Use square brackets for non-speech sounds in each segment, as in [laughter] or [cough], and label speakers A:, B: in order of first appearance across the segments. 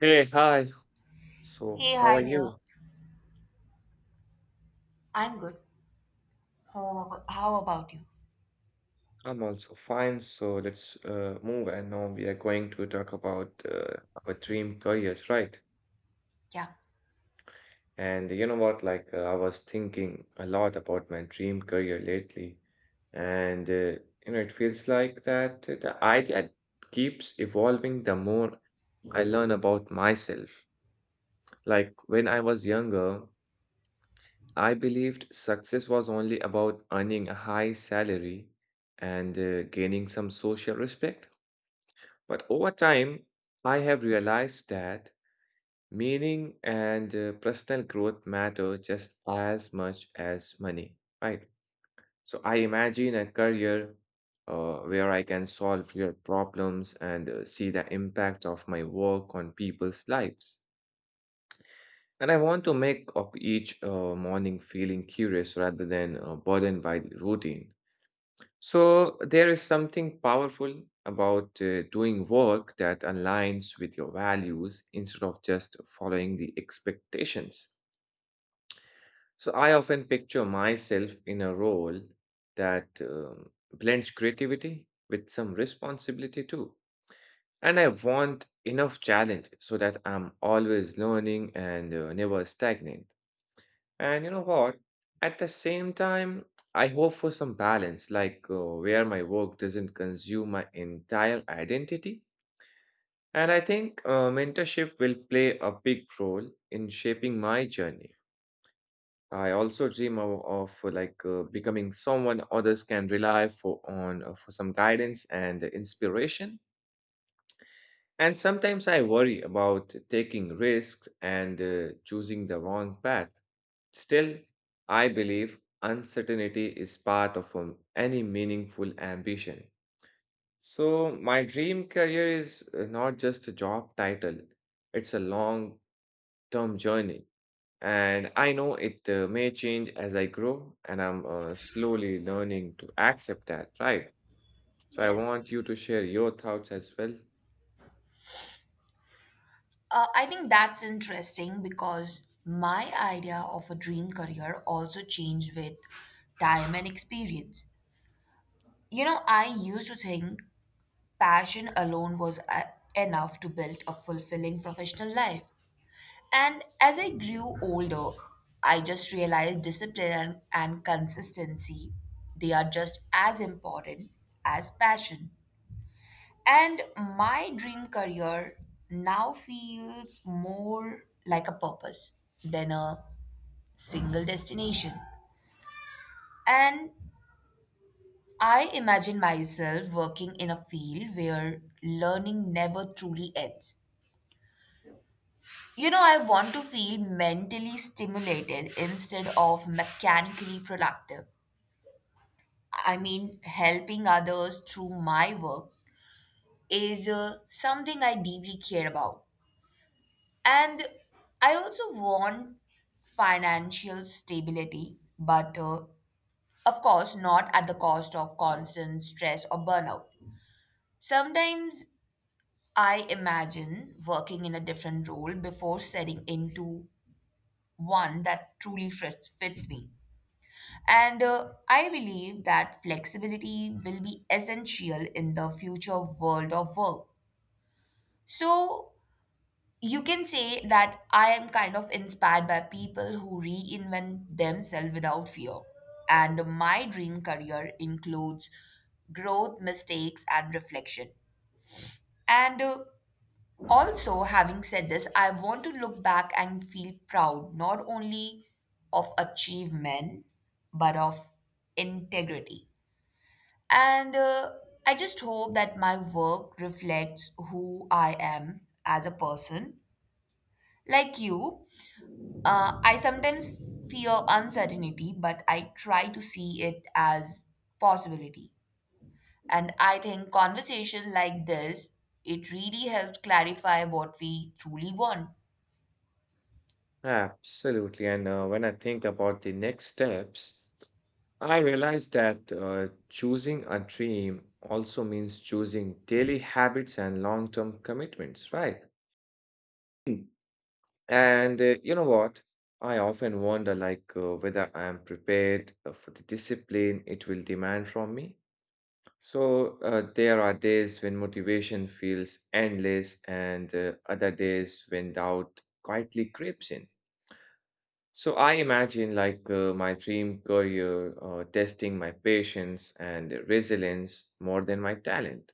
A: Hey, hi. So,
B: Hey,
A: how are
B: hi there.
A: you?
B: I'm good. How about you?
A: I'm also fine. So, let's move. And now we are going to talk about our dream careers, right?
B: Yeah.
A: And you know what? I was thinking a lot about my dream career lately. And, uh, you know, it feels like that the idea keeps evolving the more I learn about myself. Like, when I was younger, I believed success was only about earning a high salary and gaining some social respect. But over time, I have realized that meaning and personal growth matter just as much as money, right? So I imagine a career where I can solve real problems and see the impact of my work on people's lives. And I want to make up each morning feeling curious rather than burdened by the routine. So there is something powerful about doing work that aligns with your values instead of just following the expectations. So I often picture myself in a role that blends creativity with some responsibility too. And I want enough challenge so that I'm always learning and never stagnant. And you know what? At the same time, I hope for some balance, like where my work doesn't consume my entire identity. And I think mentorship will play a big role in shaping my journey. I also dream of becoming someone others can rely for on for some guidance and inspiration. And sometimes I worry about taking risks and choosing the wrong path. Still, I believe uncertainty is part of any meaningful ambition. So, my dream career is not just a job title, it's a long term journey. And I know it may change as I grow, and I'm slowly learning to accept that, right? So, I
B: Yes.
A: want you to share your thoughts as well.
B: I think that's interesting because my idea of a dream career also changed with time and experience. You know, I used to think passion alone was enough to build a fulfilling professional life. And as I grew older, I just realized discipline and consistency, they are just as important as passion. And my dream career now feels more like a purpose than a single destination. And I imagine myself working in a field where learning never truly ends. You know, I want to feel mentally stimulated instead of mechanically productive. I mean, helping others through my work is something I deeply care about. And I also want financial stability, but of course, not at the cost of constant stress or burnout. Sometimes I imagine working in a different role before setting into one that truly fits me. And I believe that flexibility will be essential in the future world of work. So, you can say that I am kind of inspired by people who reinvent themselves without fear. And my dream career includes growth, mistakes, and reflection. And also, having said this, I want to look back and feel proud not only of achievement, but of integrity. And I just hope that my work reflects who I am as a person. Like you, I sometimes fear uncertainty, but I try to see it as possibility. And I think conversation like this, it really helps clarify what we truly want.
A: Absolutely. And when I think about the next steps, I realize that choosing a dream also means choosing daily habits and long-term commitments, right? And you know what? I often wonder like whether I am prepared for the discipline it will demand from me. So there are days when motivation feels endless and other days when doubt quietly creeps in. So I imagine like my dream career testing my patience and resilience more than my talent.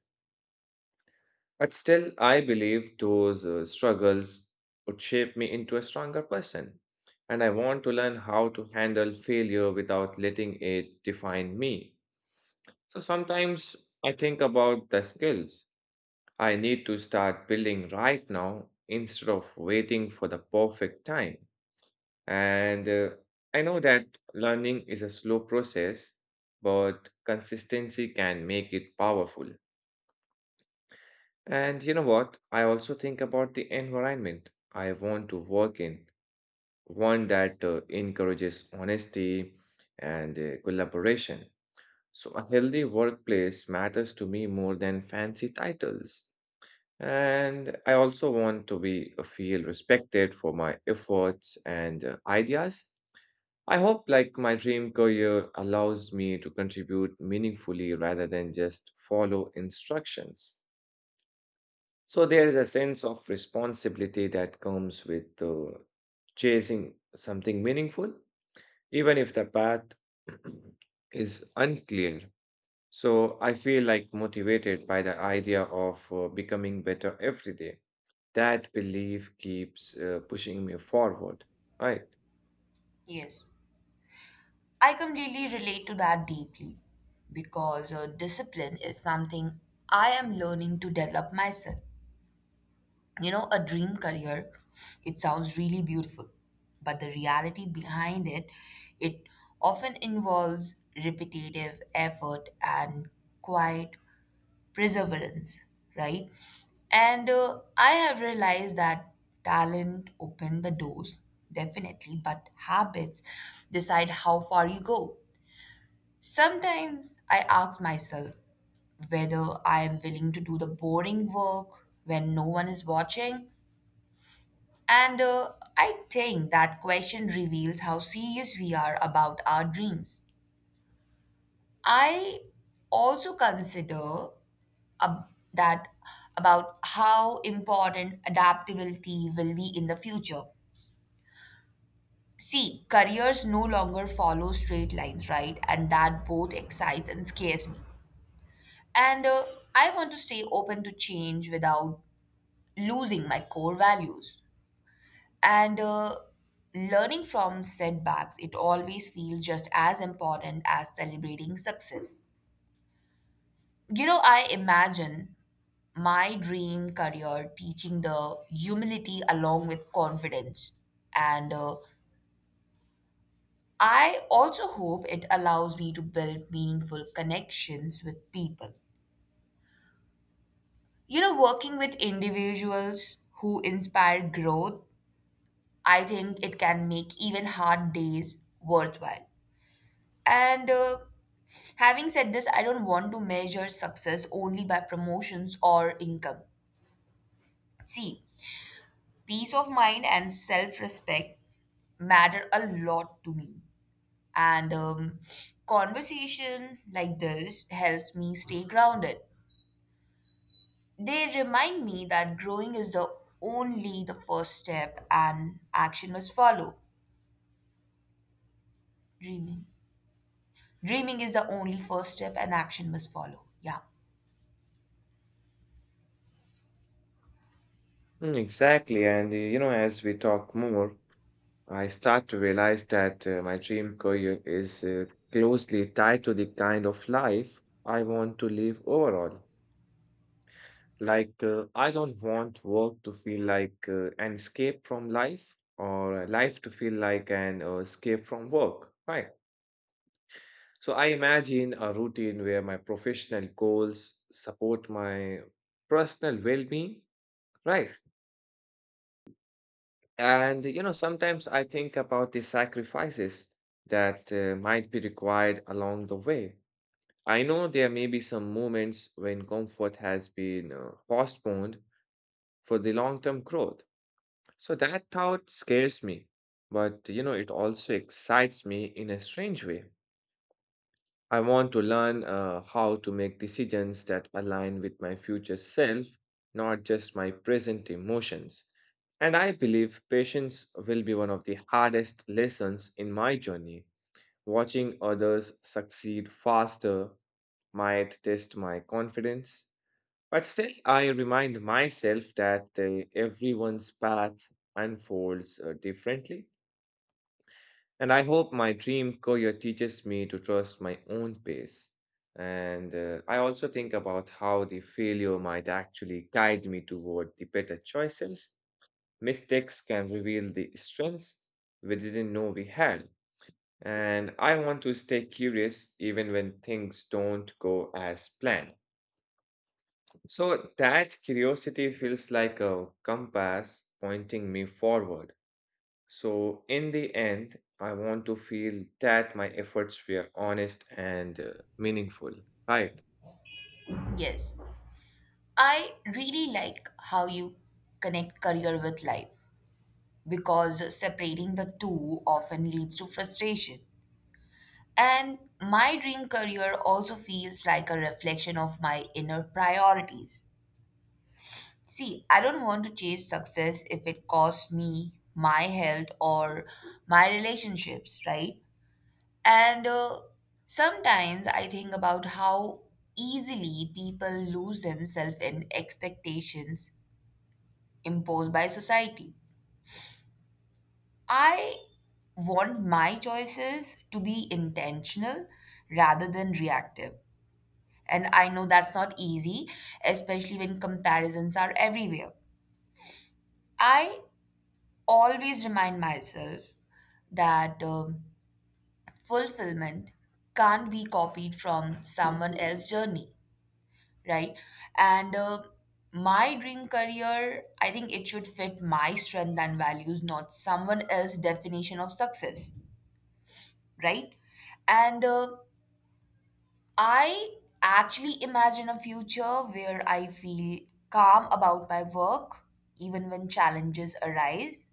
A: But still, I believe those struggles would shape me into a stronger person. And I want to learn how to handle failure without letting it define me. So sometimes I think about the skills I need to start building right now instead of waiting for the perfect time. And I know that learning is a slow process, but consistency can make it powerful. And you know what? I also think about the environment I want to work in, one that encourages honesty and collaboration. So, a healthy workplace matters to me more than fancy titles. And I also want to be feel respected for my efforts and ideas. I hope like my dream career allows me to contribute meaningfully rather than just follow instructions. So there is a sense of responsibility that comes with chasing something meaningful, even if the path [clears throat] is unclear. So I feel like motivated by the idea of becoming better every day. That belief keeps pushing me forward, right?
B: Yes, I completely relate to that deeply because discipline is something I am learning to develop myself. You know, a dream career, it sounds really beautiful, but the reality behind it, it often involves repetitive effort and quiet perseverance, right? And I have realized that talent open the doors, definitely, but habits decide how far you go. Sometimes I ask myself whether I am willing to do the boring work when no one is watching and I think that question reveals how serious we are about our dreams. I also consider ab- that about how important adaptability will be in the future. See, careers no longer follow straight lines, right? And that both excites and scares me. And I want to stay open to change without losing my core values. And learning from setbacks, it always feels just as important as celebrating success. You know, I imagine my dream career teaching the humility along with confidence. And I also hope it allows me to build meaningful connections with people. You know, working with individuals who inspire growth, I think it can make even hard days worthwhile. And Having said this, I don't want to measure success only by promotions or income. See, peace of mind and self respect matter a lot to me. And conversation like this helps me stay grounded. They remind me that growing is the only the first step and action must follow. Dreaming. Dreaming is the only first step and action must follow. Yeah.
A: Mm, exactly. And you know, as we talk more, I start to realize that my dream career is closely tied to the kind of life I want to live overall. Like, I don't want work to feel like an escape from life or life to feel like an escape from work, right? So, I imagine a routine where my professional goals support my personal well being, right? And you know, sometimes I think about the sacrifices that might be required along the way. I know there may be some moments when comfort has been postponed for the long-term growth. So that thought scares me, but you know, it also excites me in a strange way. I want to learn how to make decisions that align with my future self, not just my present emotions. And I believe patience will be one of the hardest lessons in my journey. Watching others succeed faster might test my confidence, but still, I remind myself that everyone's path unfolds differently. And I hope my dream career teaches me to trust my own pace. And I also think about how the failure might actually guide me toward the better choices. Mistakes can reveal the strengths we didn't know we had. And I want to stay curious even when things don't go as planned. So that curiosity feels like a compass pointing me forward. So, in the end, I want to feel that my efforts were honest and meaningful, right?
B: Yes. I really like how you connect career with life because separating the two often leads to frustration. And my dream career also feels like a reflection of my inner priorities. See, I don't want to chase success if it costs me my health or my relationships, right? And sometimes I think about how easily people lose themselves in expectations imposed by society. I want my choices to be intentional rather than reactive. And I know that's not easy, especially when comparisons are everywhere. I always remind myself that fulfillment can't be copied from someone else's journey, right? And my dream career, I think it should fit my strength and values, not someone else's definition of success. Right? And I actually imagine a future where I feel calm about my work, even when challenges arise.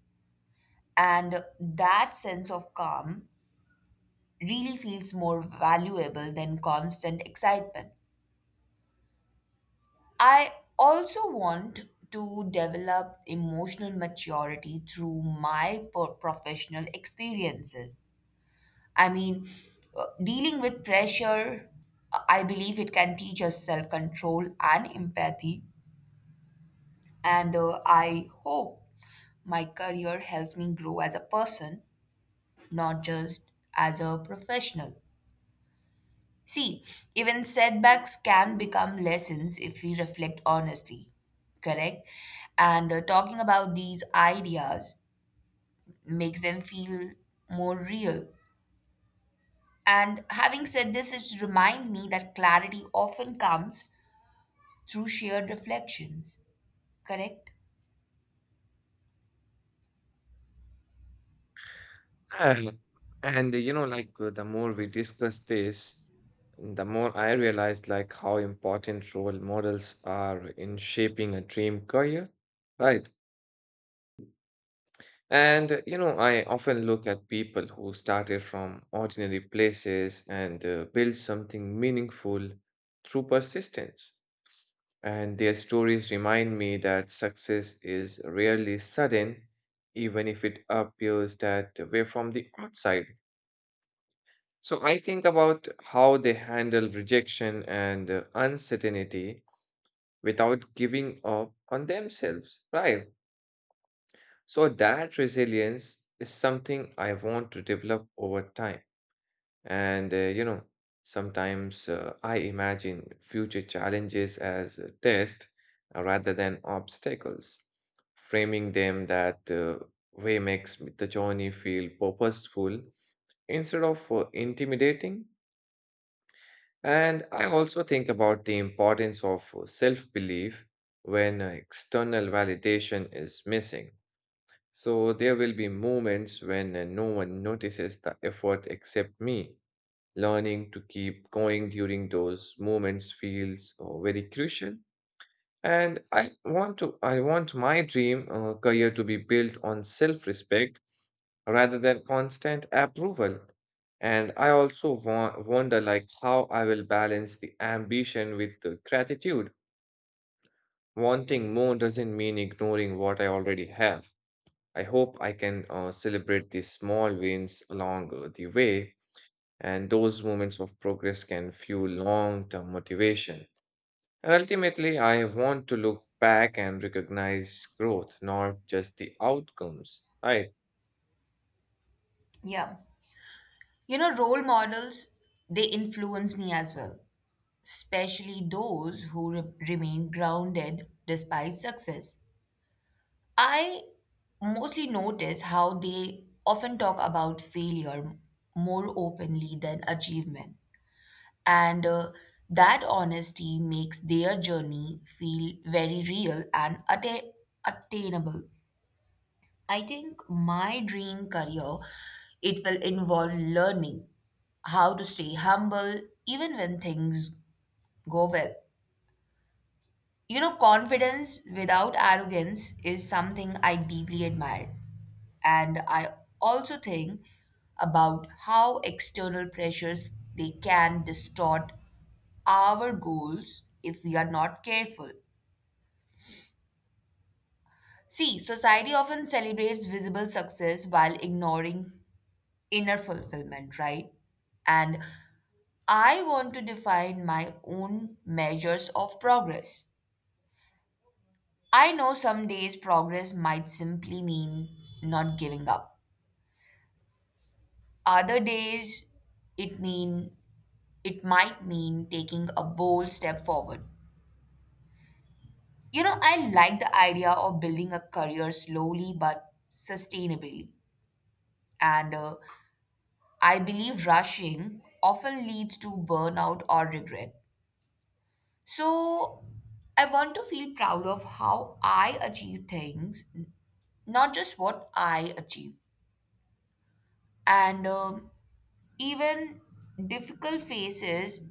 B: And that sense of calm really feels more valuable than constant excitement. I also want to develop emotional maturity through my professional experiences. I mean, dealing with pressure, I believe it can teach us self control and empathy. And I hope my career helps me grow as a person, not just as a professional. See, even setbacks can become lessons if we reflect honestly, correct? And talking about these ideas makes them feel more real. And having said this, it reminds me that clarity often comes through shared reflections, correct?
A: And, and you know, like the more we discuss this, the more I realize like how important role models are in shaping a dream career, right? And you know, I often look at people who started from ordinary places and built something meaningful through persistence. And their stories remind me that success is rarely sudden, even if it appears that way from the outside. So I think about how they handle rejection and uncertainty without giving up on themselves, right? So that resilience is something I want to develop over time. You know, sometimes I imagine future challenges as a test rather than obstacles. Framing them that way makes the journey feel purposeful instead of intimidating. And I also think about the importance of self belief when external validation is missing so there will be moments when no one notices the effort except me. Learning to keep going during those moments feels very crucial. And I want my dream career to be built on self-respect rather than constant approval. And I also wonder like how I will balance the ambition with the gratitude. Wanting more doesn't mean ignoring what I already have. I hope I can celebrate these small wins along the way, and those moments of progress can fuel long term motivation. And ultimately, I want to look back and recognize growth, not just the outcomes, right?
B: Yeah. You know, role models, they influence me as well, especially those who remain grounded despite success. I mostly notice how they often talk about failure more openly than achievement. And that honesty makes their journey feel very real and attainable. I think my dream career, it will involve learning how to stay humble even when things go well. You know, confidence without arrogance is something I deeply admire. And I also think about how external pressures they can distort our goals if we are not careful. See, society often celebrates visible success while ignoring inner fulfillment, right? And I want to define my own measures of progress. I know some days progress might simply mean not giving up. Other days it mean it might mean taking a bold step forward. You know, I like the idea of building a career slowly but sustainably. And I believe rushing often leads to burnout or regret. So I want to feel proud of how I achieve things, not just what I achieve. And even difficult phases,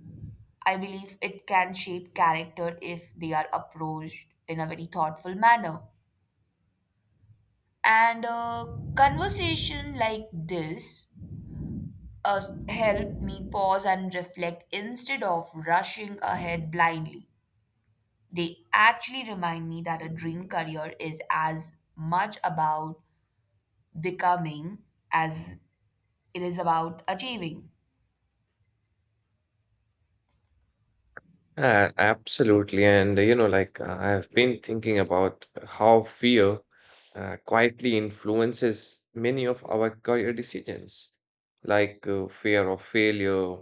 B: I believe it can shape character if they are approached in a very thoughtful manner. And a conversation like this uh, help me pause and reflect instead of rushing ahead blindly. They actually remind me that a dream career is as much about becoming as it is about achieving.
A: Absolutely. And, you know, like I've been thinking about how fear quietly influences many of our career decisions, like fear of failure,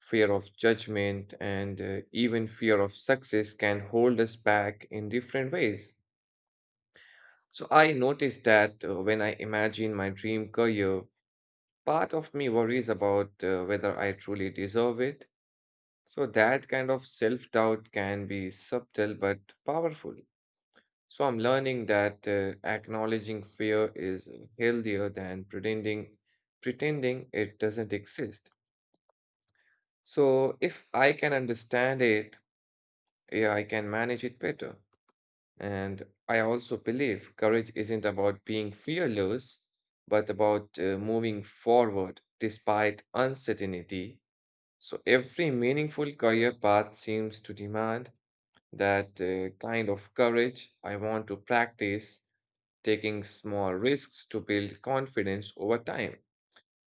A: fear of judgment, and even fear of success can hold us back in different ways. So I noticed that when I imagine my dream career, part of me worries about whether I truly deserve it so that kind of self-doubt can be subtle but powerful. So I'm learning that acknowledging fear is healthier than pretending it doesn't exist. So if I can understand it, yeah, I can manage it better. And I also believe courage isn't about being fearless, but about moving forward despite uncertainty. So every meaningful career path seems to demand that kind of courage, I want to practice taking small risks to build confidence over time.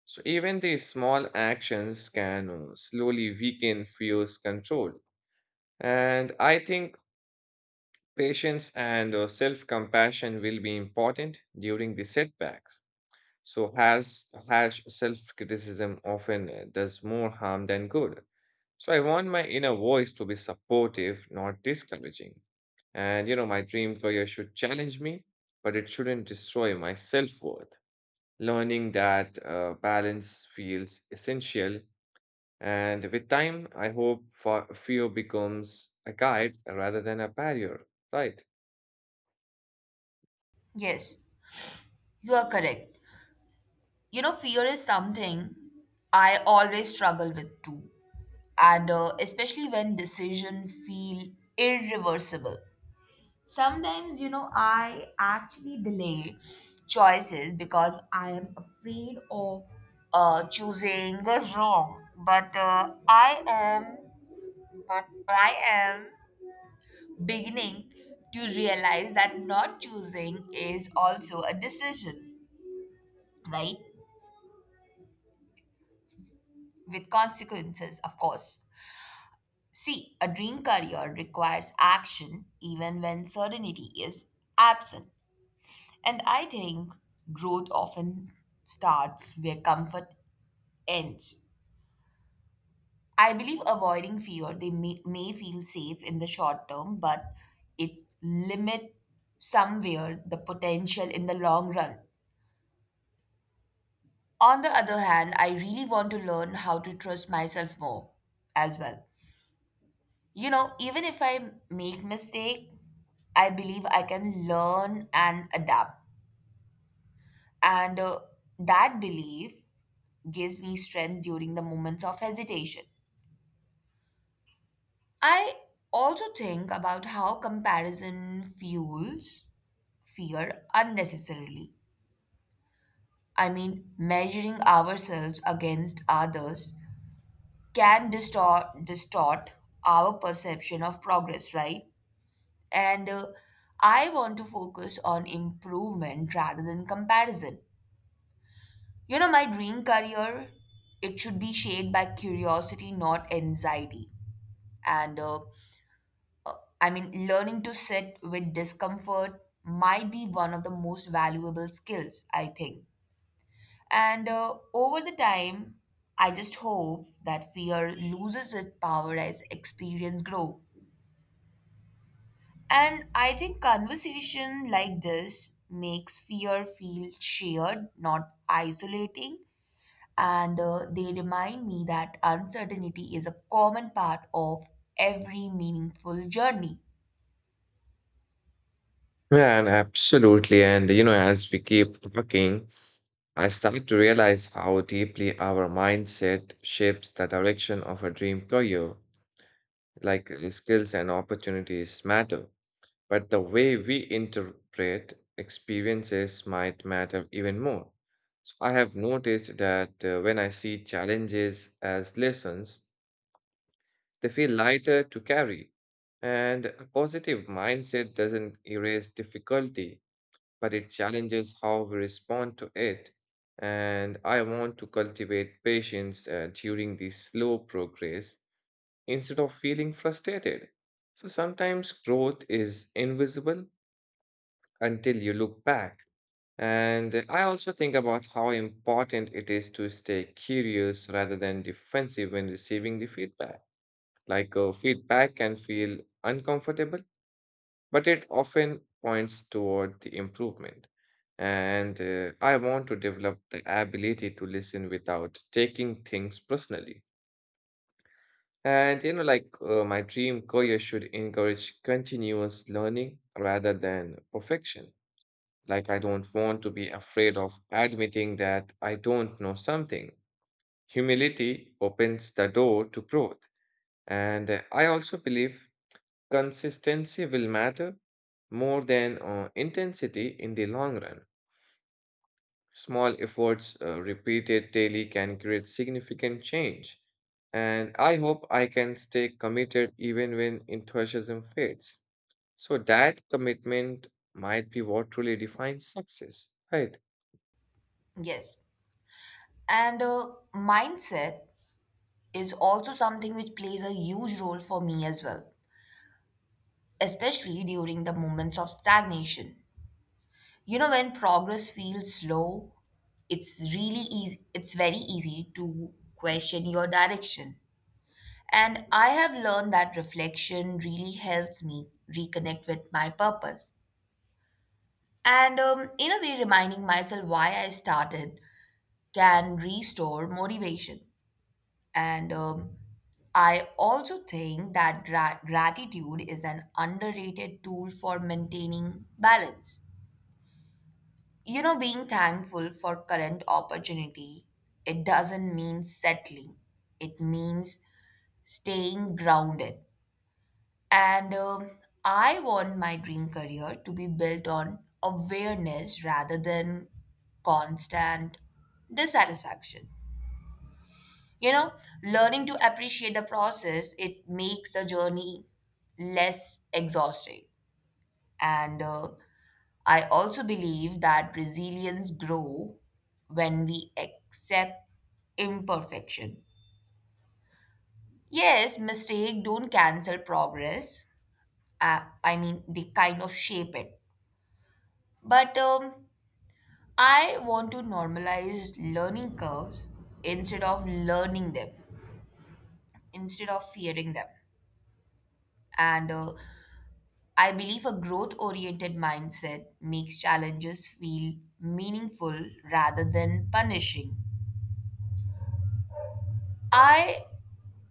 A: So, even these small actions can slowly weaken fear's control. And I think patience and self compassion will be important during the setbacks. So harsh self-criticism often does more harm than good. So I want my inner voice to be supportive, not discouraging. And you know, my dream career should challenge me, but it shouldn't destroy my self-worth. Learning that balance feels essential, and with time, I hope fear becomes a guide rather than a barrier, right?
B: Yes, you are correct. You know, fear is something I always struggle with too. And especially when decisions feel irreversible. Sometimes, you know, I actually delay choices because I am afraid of choosing wrong. But I am beginning to realize that not choosing is also a decision, right? With consequences, of course. See, a dream career requires action even when certainty is absent. And I think growth often starts where comfort ends. I believe avoiding fear, they may feel safe in the short term, but it limit somewhere the potential in the long run. On the other hand, I really want to learn how to trust myself more as well. You know, even if I make mistake, I believe I can learn and adapt. And that belief gives me strength during the moments of hesitation. I also think about how comparison fuels fear unnecessarily. I mean, measuring ourselves against others can distort our perception of progress, right? And I want to focus on improvement rather than comparison. You know, my dream career, it should be shaped by curiosity, not anxiety. And I mean, learning to sit with discomfort might be one of the most valuable skills, I think. And over the time, I just hope that fear loses its power as experience grows. And I think conversation like this makes fear feel shared, not isolating. And they remind me that uncertainty is a common part of every meaningful journey.
A: Man, absolutely. And you know, as we keep talking, I started to realize how deeply our mindset shapes the direction of a dream career, like skills and opportunities matter. But the way we interpret experiences might matter even more. So I have noticed that when I see challenges as lessons, they feel lighter to carry. And a positive mindset doesn't erase difficulty, but it challenges how we respond to it. And I want to cultivate patience during the slow progress instead of feeling frustrated. So sometimes growth is invisible until you look back. And I also think about how important it is to stay curious rather than defensive when receiving the feedback. Like feedback can feel uncomfortable, but it often points toward the improvement. And I want to develop the ability to listen without taking things personally. And you know, like my dream career should encourage continuous learning rather than perfection. Like, I don't want to be afraid of admitting that I don't know something. Humility opens the door to growth. And I also believe consistency will matter more than intensity in the long run. Small efforts repeated daily can create significant change. And I hope I can stay committed even when enthusiasm fades. So that commitment might be what truly defines success, right?
B: Yes. And mindset is also something which plays a huge role for me as well, especially during the moments of stagnation. You know, when progress feels slow, it's very easy to question your direction, and I have learned that reflection really helps me reconnect with my purpose. And in a way, reminding myself why I started can restore motivation. And I also think that gratitude is an underrated tool for maintaining balance. You know, being thankful for current opportunity, it doesn't mean settling. It means staying grounded. And I want my dream career to be built on awareness rather than constant dissatisfaction. You know, learning to appreciate the process, it makes the journey less exhausting. And I also believe that resilience grow when we accept imperfection. Yes, mistake don't cancel progress. I mean, they kind of shape it. But I want to normalize learning curves instead of learning them, instead of fearing them. And I believe a growth oriented mindset makes challenges feel meaningful rather than punishing. I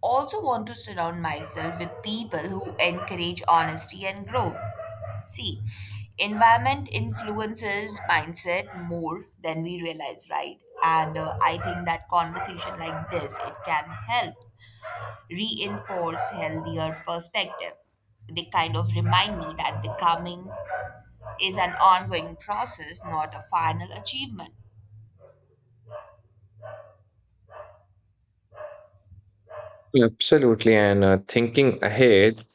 B: also want to surround myself with people who encourage honesty and growth. See, environment influences mindset more than we realize, right? And I think that conversation like this, it can help reinforce healthier perspective. They kind of remind me that becoming is an ongoing process, not a final achievement.
A: Absolutely. And thinking ahead,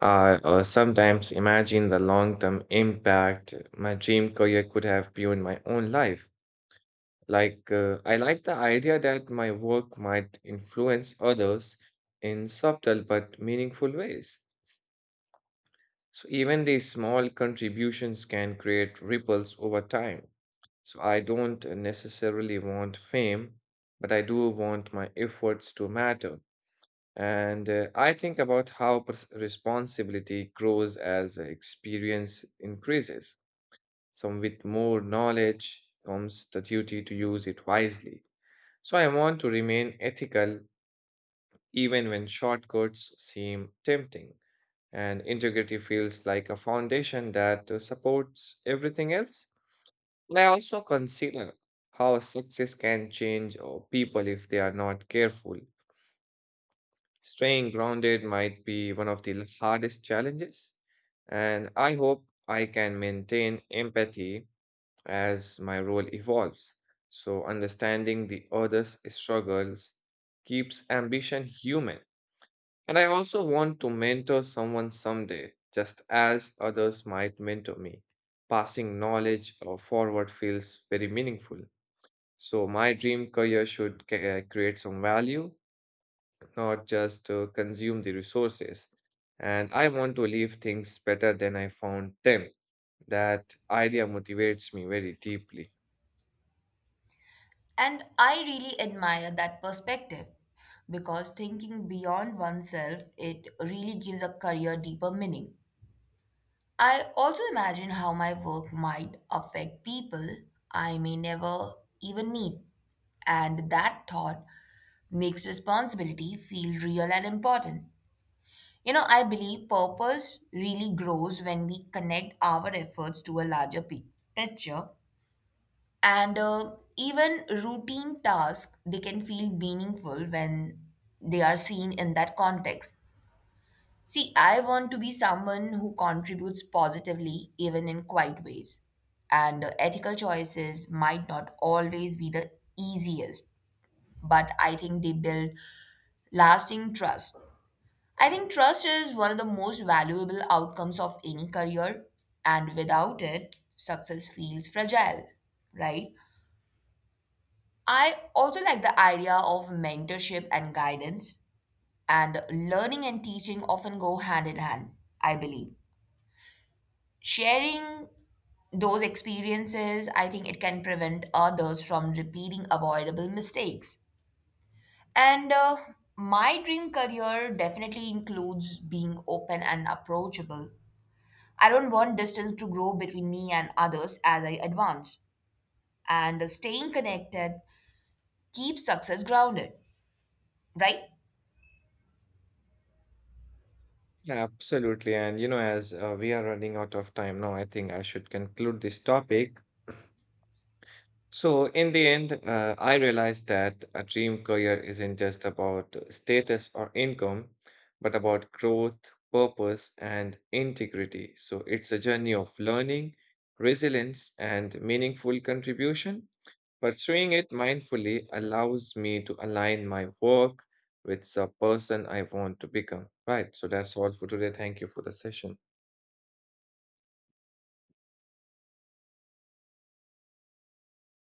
A: I sometimes imagine the long-term impact my dream career could have beyond my own life. Like, I like the idea that my work might influence others in subtle but meaningful ways. So, even these small contributions can create ripples over time. So, I don't necessarily want fame, but I do want my efforts to matter. And I think about how responsibility grows as experience increases. Some with more knowledge comes the duty to use it wisely. So I want to remain ethical even when shortcuts seem tempting, and integrity feels like a foundation that supports everything else. And I also consider how success can change people if they are not careful. Staying grounded might be one of the hardest challenges, and I hope I can maintain empathy as my role evolves. So, understanding the other's struggles keeps ambition human. And I also want to mentor someone someday, just as others might mentor me. Passing knowledge forward feels very meaningful. So, my dream career should create some value, not just consume the resources. And I want to leave things better than I found them. That idea motivates me very deeply.
B: And I really admire that perspective because thinking beyond oneself, it really gives a career deeper meaning. I also imagine how my work might affect people I may never even meet, and that thought makes responsibility feel real and important. You know, I believe purpose really grows when we connect our efforts to a larger picture, and even routine tasks they can feel meaningful when they are seen in that context. See, I want to be someone who contributes positively even in quiet ways. And ethical choices might not always be the easiest, but I think they build lasting trust. I think trust is one of the most valuable outcomes of any career, and without it success feels fragile, right? I also like the idea of mentorship and guidance, and learning and teaching often go hand in hand, I believe. Sharing those experiences, I think it can prevent others from repeating avoidable mistakes. And my dream career definitely includes being open and approachable. I don't want distance to grow between me and others as I advance, and staying connected keeps success grounded, right?
A: Yeah, absolutely. And you know, as we are running out of time now, I think I should conclude this topic. So, in the end, I realized that a dream career isn't just about status or income, but about growth, purpose, and integrity. So, it's a journey of learning, resilience, and meaningful contribution. Pursuing it mindfully allows me to align my work with the person I want to become. Right. So, that's all for today. Thank you for the session.